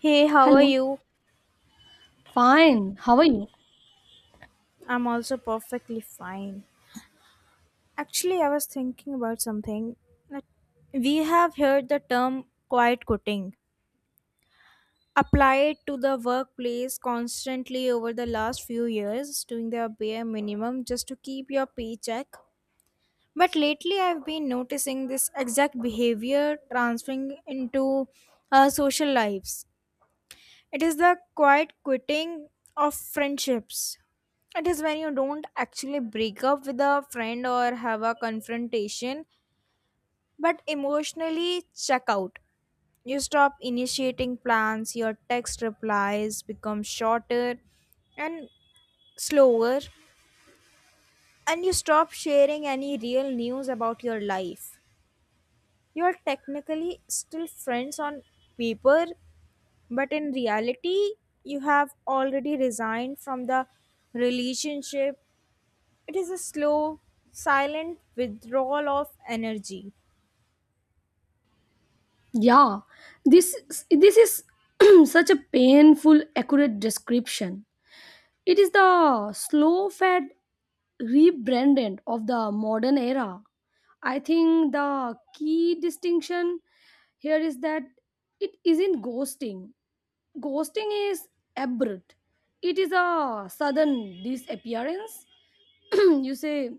Hey, how are Hello. you? Fine. How are you? I'm also perfectly fine. Actually, I was thinking about something. That We have heard the term quiet quitting applied to the workplace constantly over the last few years, doing their bare minimum just to keep your paycheck. But lately, I've been noticing this exact behavior transferring into social lives. It is the quiet quitting of friendships. It is when you don't actually break up with a friend or have a confrontation, but emotionally check out. You stop initiating plans, your text replies become shorter and slower, and you stop sharing any real news about your life. You are technically still friends on paper, but in reality, you have already resigned from the relationship. It is a slow, silent withdrawal of energy. Yeah. This this is such a painful accurate description. It is the slow fed rebranding of the modern era. I think the key distinction here is that it isn't ghosting. Ghosting is abrupt. It is a sudden disappearance. you say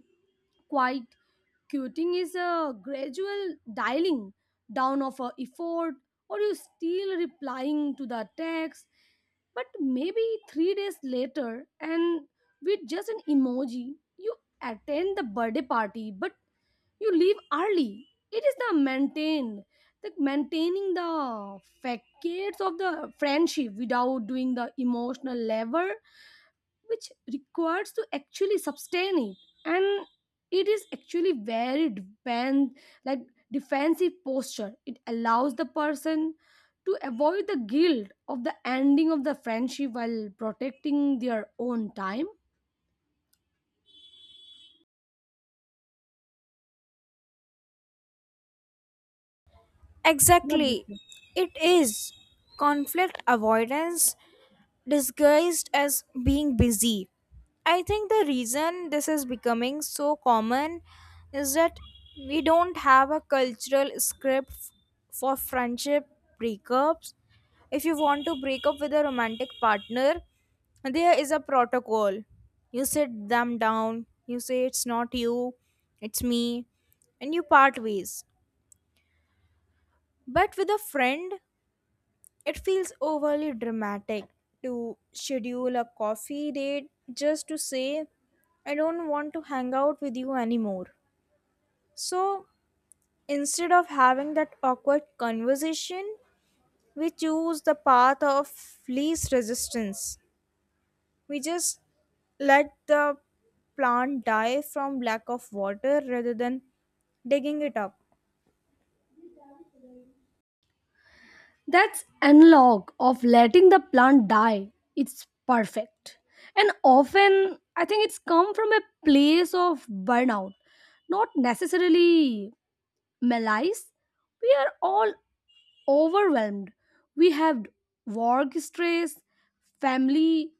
quite quitting is a gradual dialing down of a effort, or you still replying to the text, but maybe 3 days later, and with just an emoji, you attend the birthday party, but you leave early. It is the maintaining the facades of the friendship without doing the emotional labor which requires to actually sustain it and it is actually very depend like defensive posture. It allows the person to avoid the guilt of the ending of the friendship while protecting their own time. What do you Exactly. think? It is. Conflict avoidance disguised as being busy. I think the reason this is becoming so common is that we don't have a cultural script for friendship breakups. If you want to break up with a romantic partner, there is a protocol. You sit them down, you say it's not you, it's me, and you part ways. But with a friend, it feels overly dramatic to schedule a coffee date just to say, I don't want to hang out with you anymore. So instead of having that awkward conversation, we choose the path of least resistance. We just let the plant die from lack of water rather than digging it up. That's analog of letting the plant die, it's perfect. And often I think it's come from a place of burnout, not necessarily malice. We are all overwhelmed. We have work stress, family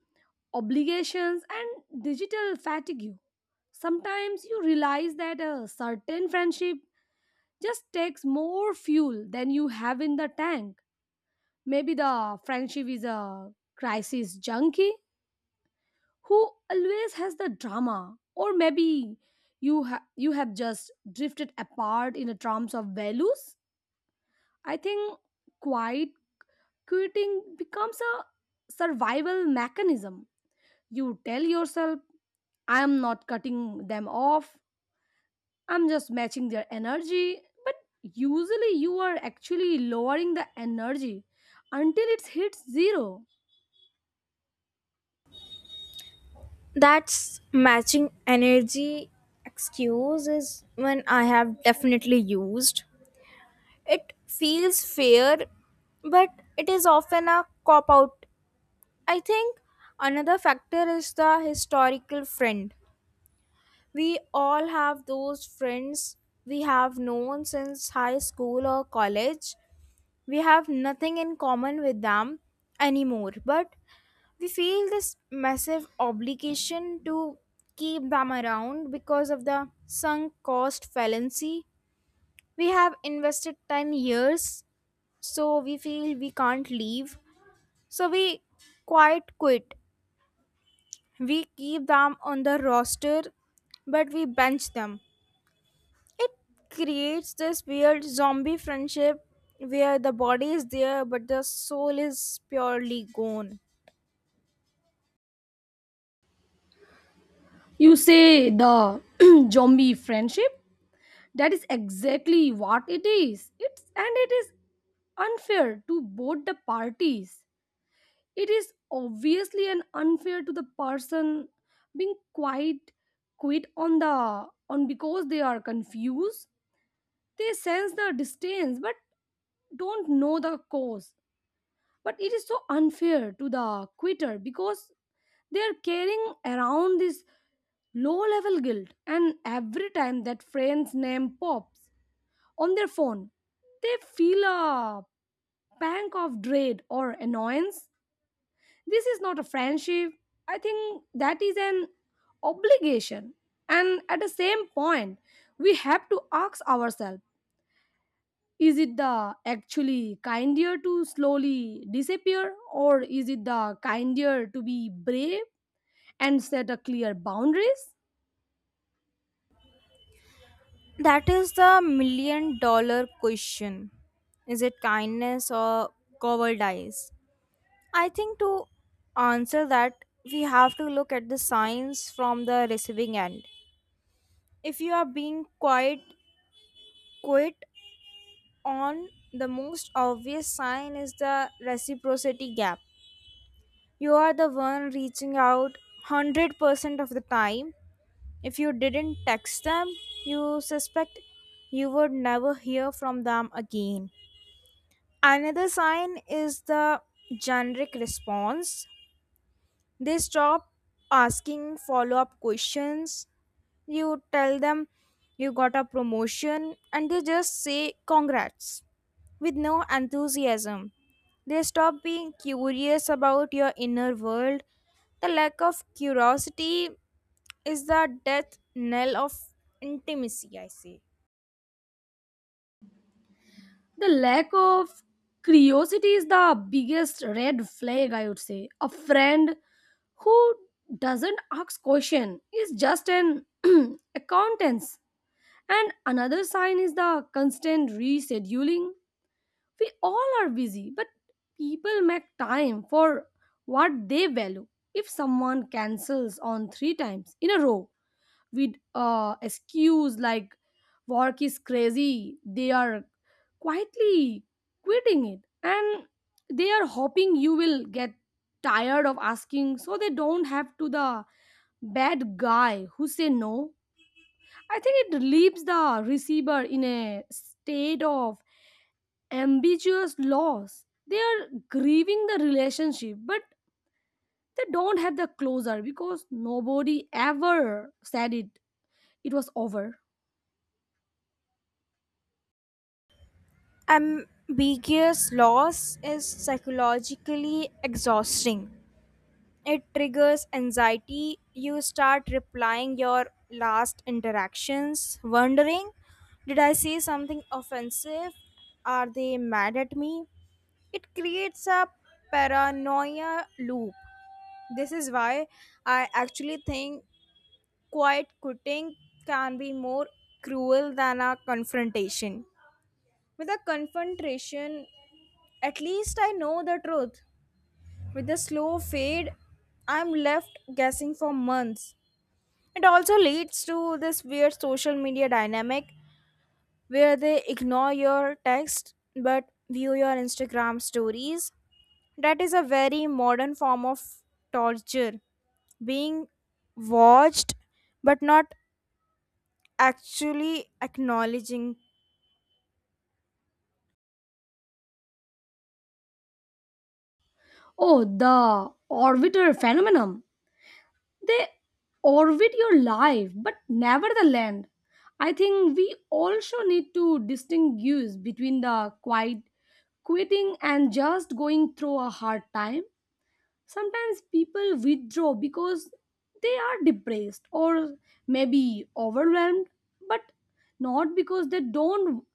obligations, and digital fatigue. Sometimes you realize that a certain friendship just takes more fuel than you have in the tank. Maybe the friendship is a crisis junkie who always has the drama, or maybe you have just drifted apart in the terms of values. I think quiet quitting becomes a survival mechanism. You tell yourself, I am not cutting them off, I'm just matching their energy. But usually, you are actually lowering the energy until it hits zero. That's matching energy excuse is one I have definitely used. It feels fair, but it is often a cop out. I think another factor is the historical friend. We all have those friends we have known since high school or college. We have nothing in common with them anymore, but we feel this massive obligation to keep them around because of the sunk cost fallacy. We have invested 10 years, so we feel we can't leave, so we quite quit. We keep them on the roster, but we bench them. It creates this weird zombie friendship where the body is there but the soul is purely gone. You say the zombie friendship. That is exactly what it is. It is unfair to both the parties. It is obviously an unfair to the person being quite quit on because they are confused. They sense the distance but don't know the cause. But it is so unfair to the quitter because they are carrying around this low level guilt, and every time that friend's name pops on their phone, they feel a pang of dread or annoyance. This is not a friendship. I think that is an obligation. And at the same point, we have to ask ourselves, is it the actually kinder to slowly disappear, or is it the kinder to be brave and set a clear boundaries? That is the million dollar question. Is it kindness or cowardice? I think to answer that, we have to look at the signs from the receiving end. If you are being quite quit on, the most obvious sign is the reciprocity gap. You are the one reaching out 100% of the time. If you didn't text them, you suspect you would never hear from them again. Another sign is the generic response. They stop asking follow up questions. You tell them you got a promotion and they just say congrats with no enthusiasm. They stop being curious about your inner world. The lack of curiosity is the death knell of intimacy, I say. The lack of curiosity is the biggest red flag, I would say. A friend who doesn't ask question is just an acquaintance. And another sign is the constant rescheduling. We all are busy, but people make time for what they value. If someone cancels on three times in a row with excuse like work is crazy, they are quietly quitting it, and they are hoping you will get tired of asking so they don't have to the bad guy who say no. I think it leaves the receiver in a state of ambiguous loss. They are grieving the relationship, but they don't have the closure because nobody ever said it. It was over. Ambiguous loss is psychologically exhausting. It triggers anxiety. You start replying your last interactions, wondering, did I say something offensive? Are they mad at me? It creates a paranoia loop. This is why I actually think quiet quitting can be more cruel than a confrontation. With a confrontation, at least I know the truth. With a slow fade, I'm left guessing for months. It also leads to this weird social media dynamic where they ignore your text but view your Instagram stories. That is a very modern form of torture, being watched but not actually acknowledging. Oh, the orbiter phenomenon. They orbit your life, but never the land. I think we also need to distinguish between the quiet quitting and just going through a hard time. Sometimes people withdraw because they are depressed or maybe overwhelmed, but not because they don't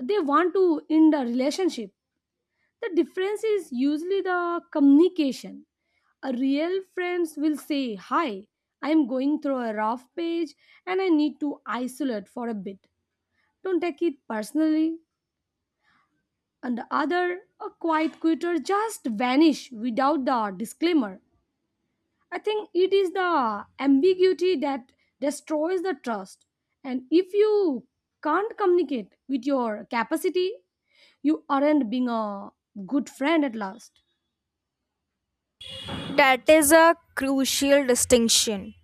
they want to end a relationship. The difference is usually the communication. A real friends will say, hi, I am going through a rough page and I need to isolate for a bit, don't take it personally. And the other, a quiet quitter just vanish without the disclaimer. I think it is the ambiguity that destroys the trust. And if you can't communicate with your capacity, you aren't being a good friend at last. That is a crucial distinction.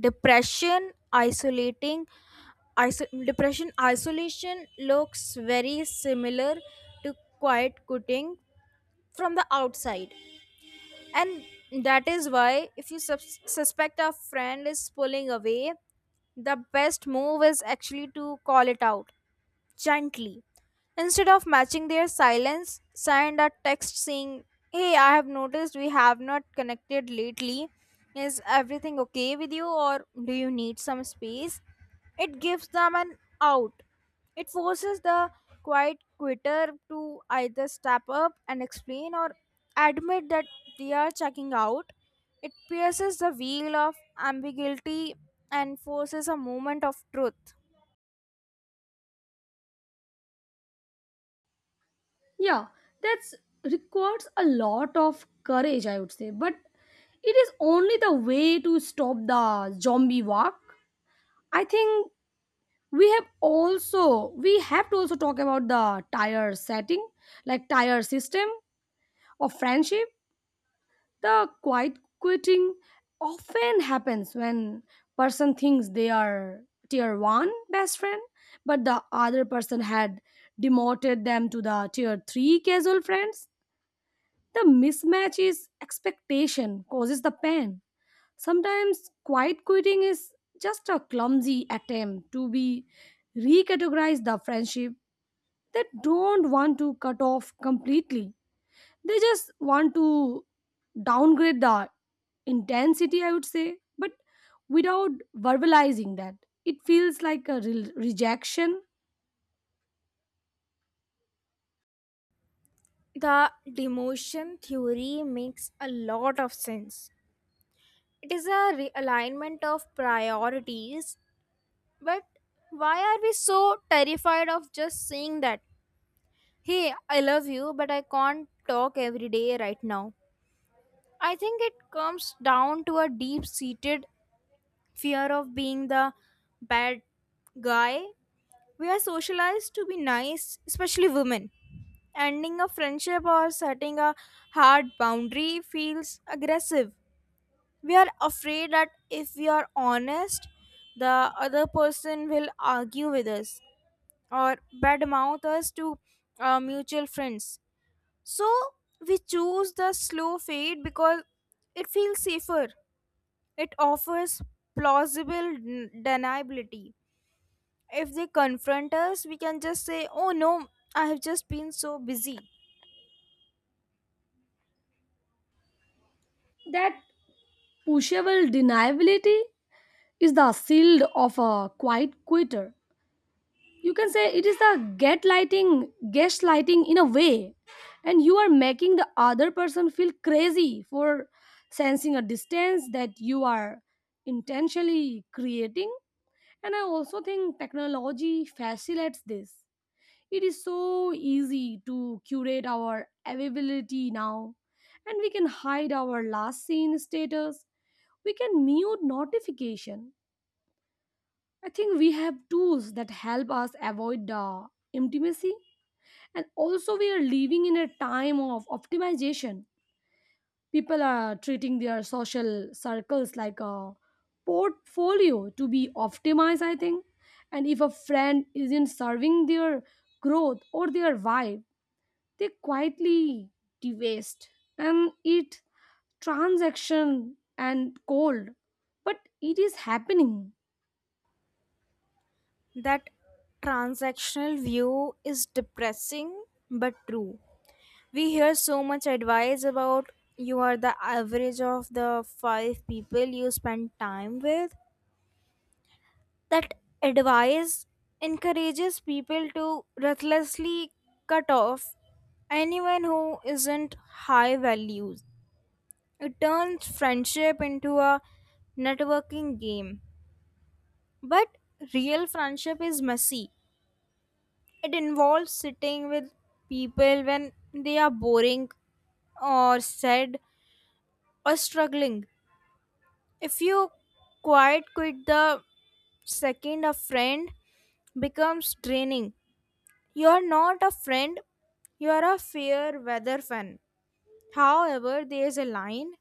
Depression, isolating, depression isolation looks very similar to quiet quitting from the outside. And that is why if you suspect a friend is pulling away, the best move is actually to call it out gently. Instead of matching their silence, send a text saying, hey, I have noticed we have not connected lately. Is everything okay with you, or do you need some space? It gives them an out. It forces the quiet quitter to either step up and explain or admit that they are checking out. It pierces the veil of ambiguity and forces a moment of truth. Yeah, that's requires a lot of courage, I would say. But it is only the way to stop the zombie walk. I think we have to also talk about the tire setting, like tire system of friendship. The quiet quitting often happens when person thinks they are tier 1 best friend, but the other person had demoted them to the tier 3 casual friends. The mismatch is expectation causes the pain. Sometimes quiet quitting is just a clumsy attempt to be recategorize the friendship. That don't want to cut off completely, they just want to downgrade the intensity, I would say. But without verbalizing that, it feels like a rejection. The demotion theory makes a lot of sense. It is a realignment of priorities, but why are we so terrified of just saying that? Hey, I love you, but I can't talk every day right now. I think it comes down to a deep seated fear of being the bad guy. We are socialized to be nice, especially women. Ending a friendship or setting a hard boundary feels aggressive. We are afraid that if we are honest, the other person will argue with us or badmouth us to our mutual friends, so we choose the slow fade because it feels safer. It offers plausible deniability. If they confront us, we can just say, oh no, I have just been so busy. That pushable deniability is the shield of a quiet quitter. You can say it is the gaslighting gaslighting in a way, and you are making the other person feel crazy for sensing a distance that you are intentionally creating. And I also think technology facilitates this. It is so easy to curate our availability now, and we can hide our last seen status. We can mute notification. I think we have tools that help us avoid the intimacy, and also we are living in a time of optimization. People are treating their social circles like a portfolio to be optimized, I think. And if a friend isn't serving their growth or their vibe, they quietly dewaste, and it transaction and cold, but it is happening. That transactional view is depressing but true. We hear so much advice about you are the average of the five people you spend time with. That advice encourages people to ruthlessly cut off anyone who isn't high values. It turns friendship into a networking game. But real friendship is messy. It involves sitting with people when they are boring or sad or struggling. If you quiet quit the second a friend becomes draining, you are not a friend, you are a fair weather fan. However, there is a line.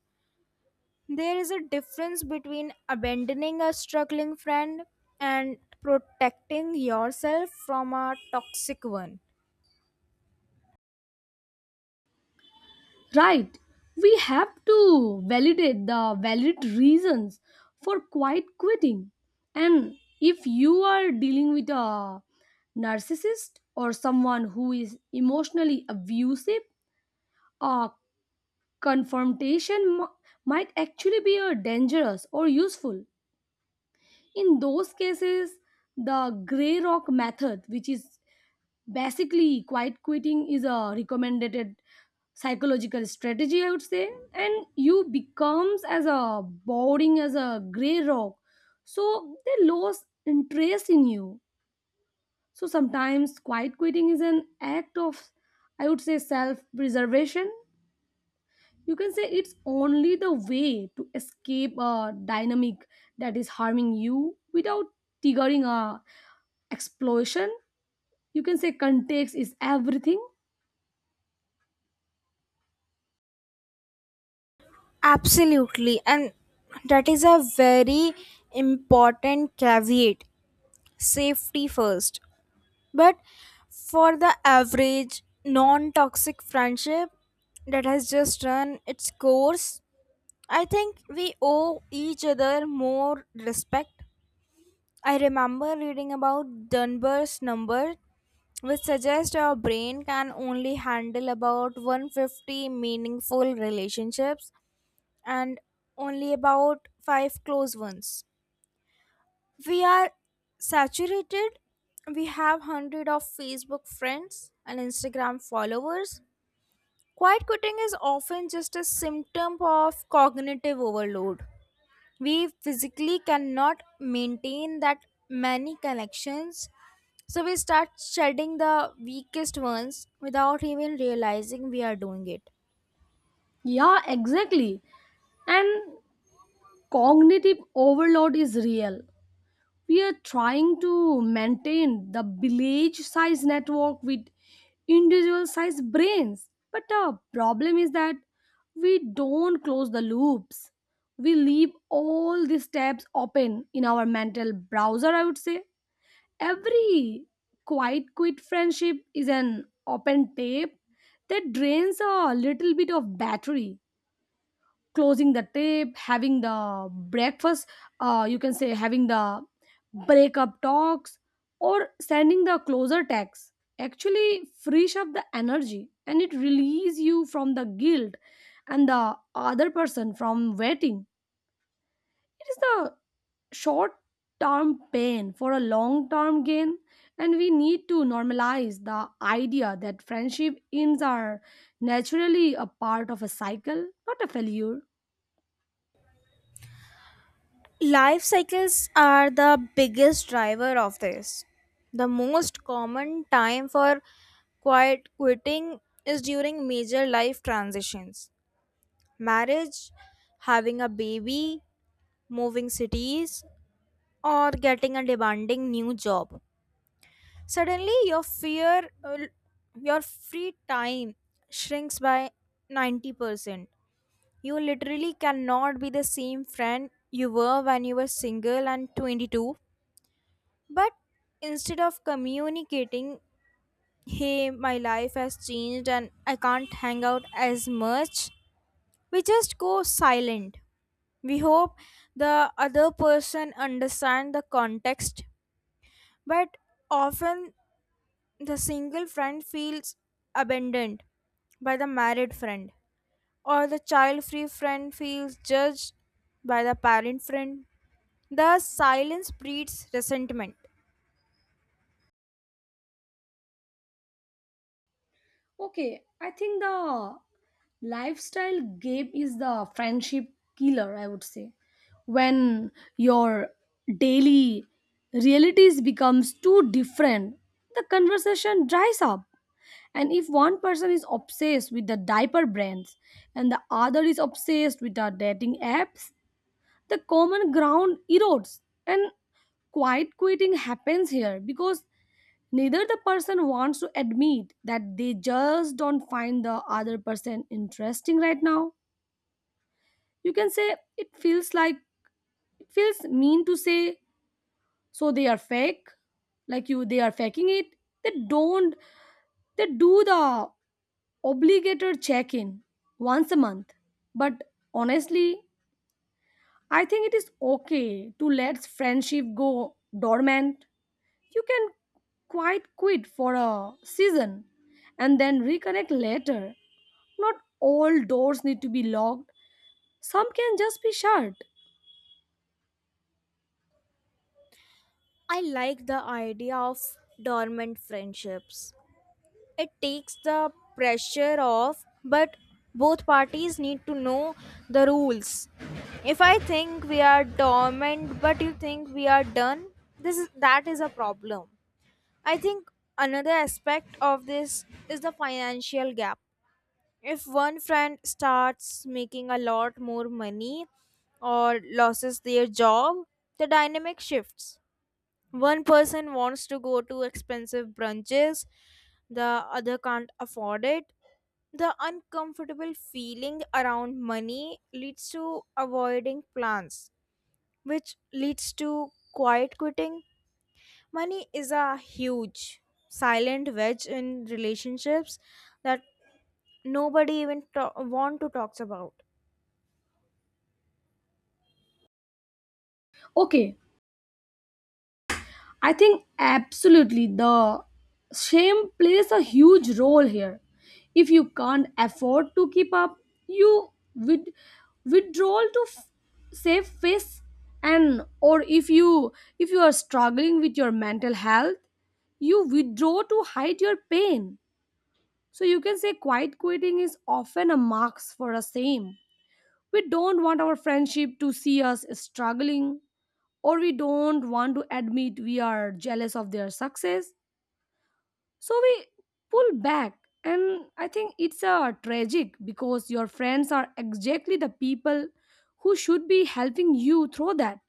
There is a difference between abandoning a struggling friend and protecting yourself from a toxic one. Right. We have to validate the valid reasons for quiet quitting. And if you are dealing with a narcissist or someone who is emotionally abusive, a confrontation might actually be a dangerous or useful. In those cases, the gray rock method, which is basically, quiet quitting is a recommended psychological strategy, I would say, and you becomes as a boring as a gray rock. So they lose interest in you. So sometimes quiet quitting is an act of, I would say, self-preservation. You can say it's only the way to escape a dynamic that is harming you without triggering a explosion. You can say context is everything. Absolutely, and that is a very important caveat, safety first. But for the average non toxic friendship that has just run its course, I think we owe each other more respect. I remember reading about Dunbar's number, which suggests our brain can only handle about 150 meaningful relationships and only about 5 close ones. We are saturated, we have hundred of Facebook friends and Instagram followers. Quiet quitting is often just a symptom of cognitive overload. We physically cannot maintain that many connections, so we start shedding the weakest ones without even realizing we are doing it. Yeah, exactly. And cognitive overload is real. We are trying to maintain the village size network with individual size brains. But the problem is that we don't close the loops. We leave all these tabs open in our mental browser, I would say. Every quiet quit friendship is an open tab that drains a little bit of battery. Closing the tape, having the breakfast, you can say having the breakup talks or sending the closer text, actually frees up the energy, and it releases you from the guilt and the other person from waiting. It is the short term pain for a long term gain, and we need to normalize the idea that friendship ends are naturally a part of a cycle, not a failure. Life cycles are the biggest driver of this. The most common time for quiet quitting is during major life transitions, marriage, having a baby, moving cities, or getting a demanding new job. Suddenly, your your free time shrinks by 90%. You literally cannot be the same friend you were when you were single and 22. But instead of communicating, hey, my life has changed and I can't hang out as much, we just go silent. We hope the other person understand the context, but often the single friend feels abandoned by the married friend, or the child free friend feels judged by the parent friend. The silence breeds resentment. Okay, I think the lifestyle gap is the friendship killer, I would say. When your daily realities becomes too different, the conversation dries up. And if one person is obsessed with the diaper brands and the other is obsessed with the dating apps, the common ground erodes. And quiet quitting happens here because neither the person wants to admit that they just don't find the other person interesting right now. You can say it feels mean to say, so they are fake, like you they are faking it. They don't they do the obligated check-in once a month. But honestly, I think it is okay to let friendship go dormant. You can quite quit for a season and then reconnect later. Not all doors need to be locked, some can just be shut. I like the idea of dormant friendships. It takes the pressure off, but both parties need to know the rules. If I think we are dormant, but you think we are done, that is a problem. I think another aspect of this is the financial gap. If one friend starts making a lot more money or loses their job, the dynamic shifts. One person wants to go to expensive brunches, the other can't afford it. The uncomfortable feeling around money leads to avoiding plans, which leads to quiet quitting. Money is a huge silent wedge in relationships that nobody even want to talk about. Okay, I think absolutely the shame plays a huge role here. If you can't afford to keep up, you withdrawal to save face. And or if you are struggling with your mental health, you withdraw to hide your pain. So you can say quiet quitting is often a mask for a same. We don't want our friendship to see us struggling, or we don't want to admit we are jealous of their success. So we pull back. And I think it's a tragic because your friends are exactly the people who should be helping you through that.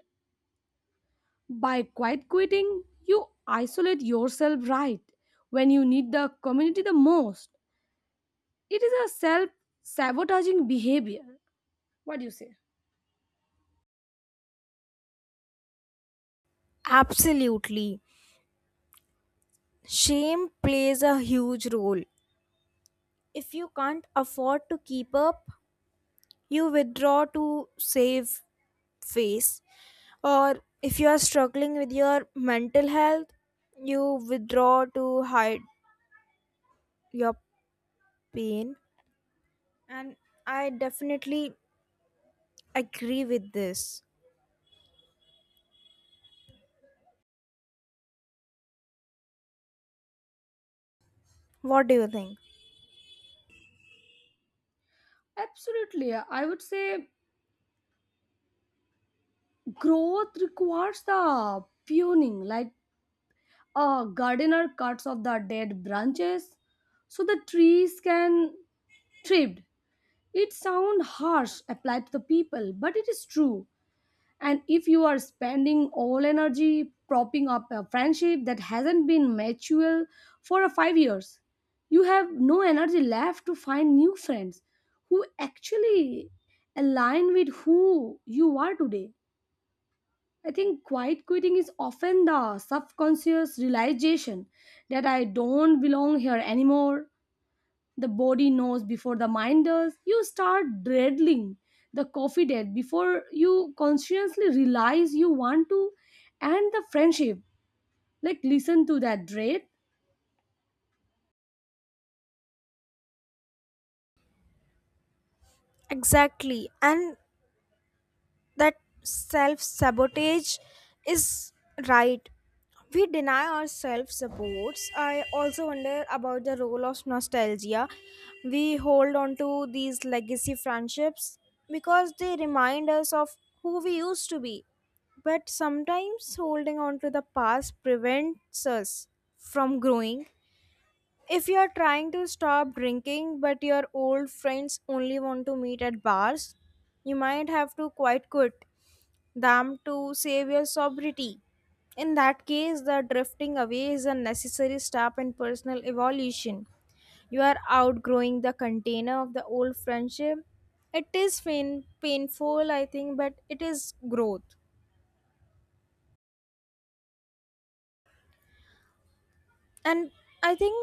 By quiet quitting, you isolate yourself right when you need the community the most. It is a self sabotaging behavior. What do you say? Absolutely. Shame plays a huge role. If you can't afford to keep up, you withdraw to save face, or if you are struggling with your mental health, you withdraw to hide your pain. And I definitely agree with this. What do you think? Absolutely. I would say growth requires the pruning, like a gardener cuts off the dead branches so the trees can thrive. It sounds harsh applied to the people, but it is true. And if you are spending all energy propping up a friendship that hasn't been mutual for a 5 years, you have no energy left to find new friends who actually align with who you are today. I think quiet quitting is often the subconscious realization that I don't belong here anymore. The body knows before the mind does. You start dreading the coffee date before you consciously realize you want to end the friendship. Like, listen to that dread. Exactly. And that self sabotage is right. We deny ourselves supports. I also wonder about the role of nostalgia. We hold on to these legacy friendships because they remind us of who we used to be. But sometimes holding on to the past prevents us from growing. If you're trying to stop drinking but your old friends only want to meet at bars, you might have to quite quit them to save your sobriety. In that case, the drifting away is a necessary step in personal evolution. You are outgrowing the container of the old friendship. It is painful, I think, but it is growth. And I think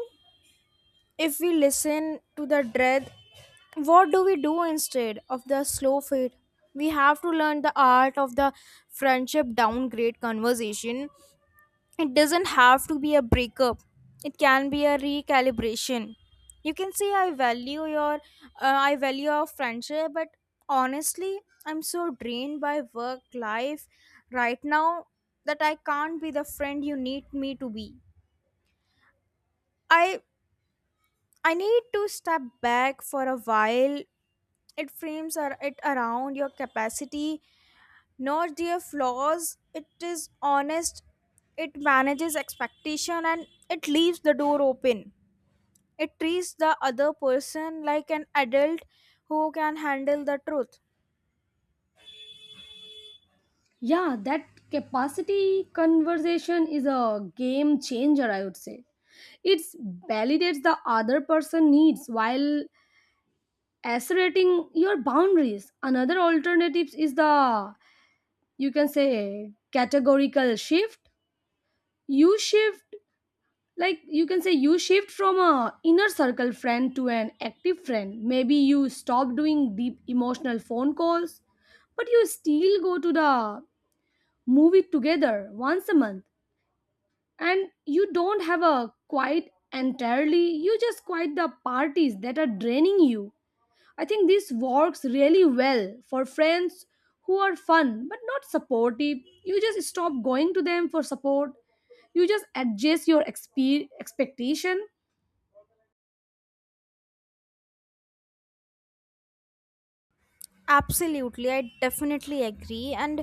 if we listen to the dread, what do we do instead of the slow fade? We have to learn the art of the friendship downgrade conversation. It doesn't have to be a breakup, it can be a recalibration. You can say, I value I value our friendship, but honestly, I'm so drained by work life right now that I can't be the friend you need me to be. I I need to step back for a while. It frames it around your capacity, not their flaws. It is honest, it manages expectation, and it leaves the door open. It treats the other person like an adult who can handle the truth. Yeah, that capacity conversation is a game changer, I would say. It validates the other person needs while asserting your boundaries. Another alternative is the, you can say, categorical shift. You shift, like you can say you shift from a inner circle friend to an active friend. Maybe you stop doing deep emotional phone calls, but you still go to the movie together once a month. And you don't have a quiet entirely. You just quiet the parties that are draining you. I think this works really well for friends who are fun but not supportive. You just stop going to them for support. You just adjust your expectation. Absolutely, I definitely agree. And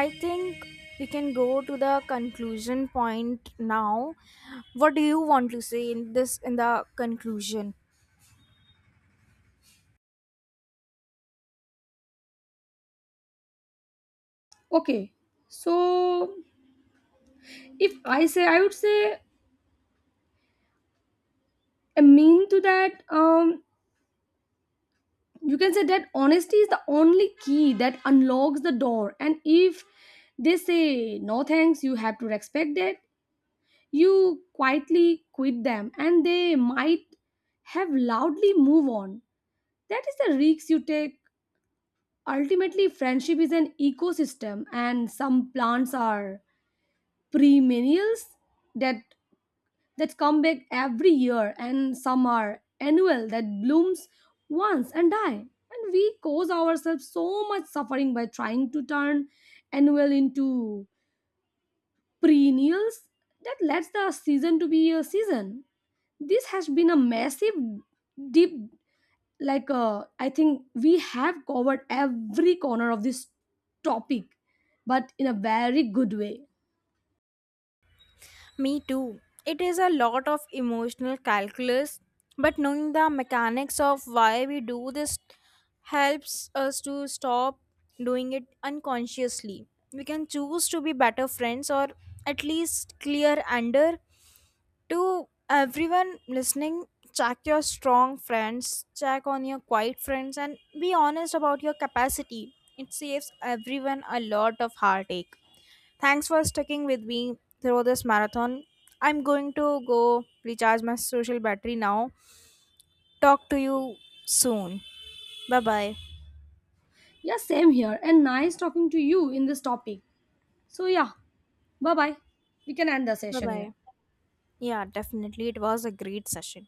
I think we can go to the conclusion point now. What do you want to say in this in the conclusion? Okay, so if I say, I would say, I mean to that, you can say that honesty is the only key that unlocks the door. And if they say no thanks, you have to respect that. You quietly quit them and they might have loudly move on. That is the risks you take. Ultimately, friendship is an ecosystem, and some plants are perennials that that come back every year, and some are annual that blooms once and die. And we cause ourselves so much suffering by trying to turn annual into perennials that lets the season to be a season. This has been a massive deep, I think we have covered every corner of this topic, but in a very good way. Me too. It is a lot of emotional calculus, but knowing the mechanics of why we do this helps us to stop doing it unconsciously. We can choose to be better friends or at least clear under to everyone listening. Check your strong friends, check on your quiet friends, and be honest about your capacity. It saves everyone a lot of heartache. Thanks for sticking with me through this marathon. I'm going to go recharge my social battery now. Talk to you soon. Bye bye. Yeah, same here, and nice talking to you in this topic. So yeah, bye bye. We can end the Bye session here. bye. Yeah, definitely. It was a great session.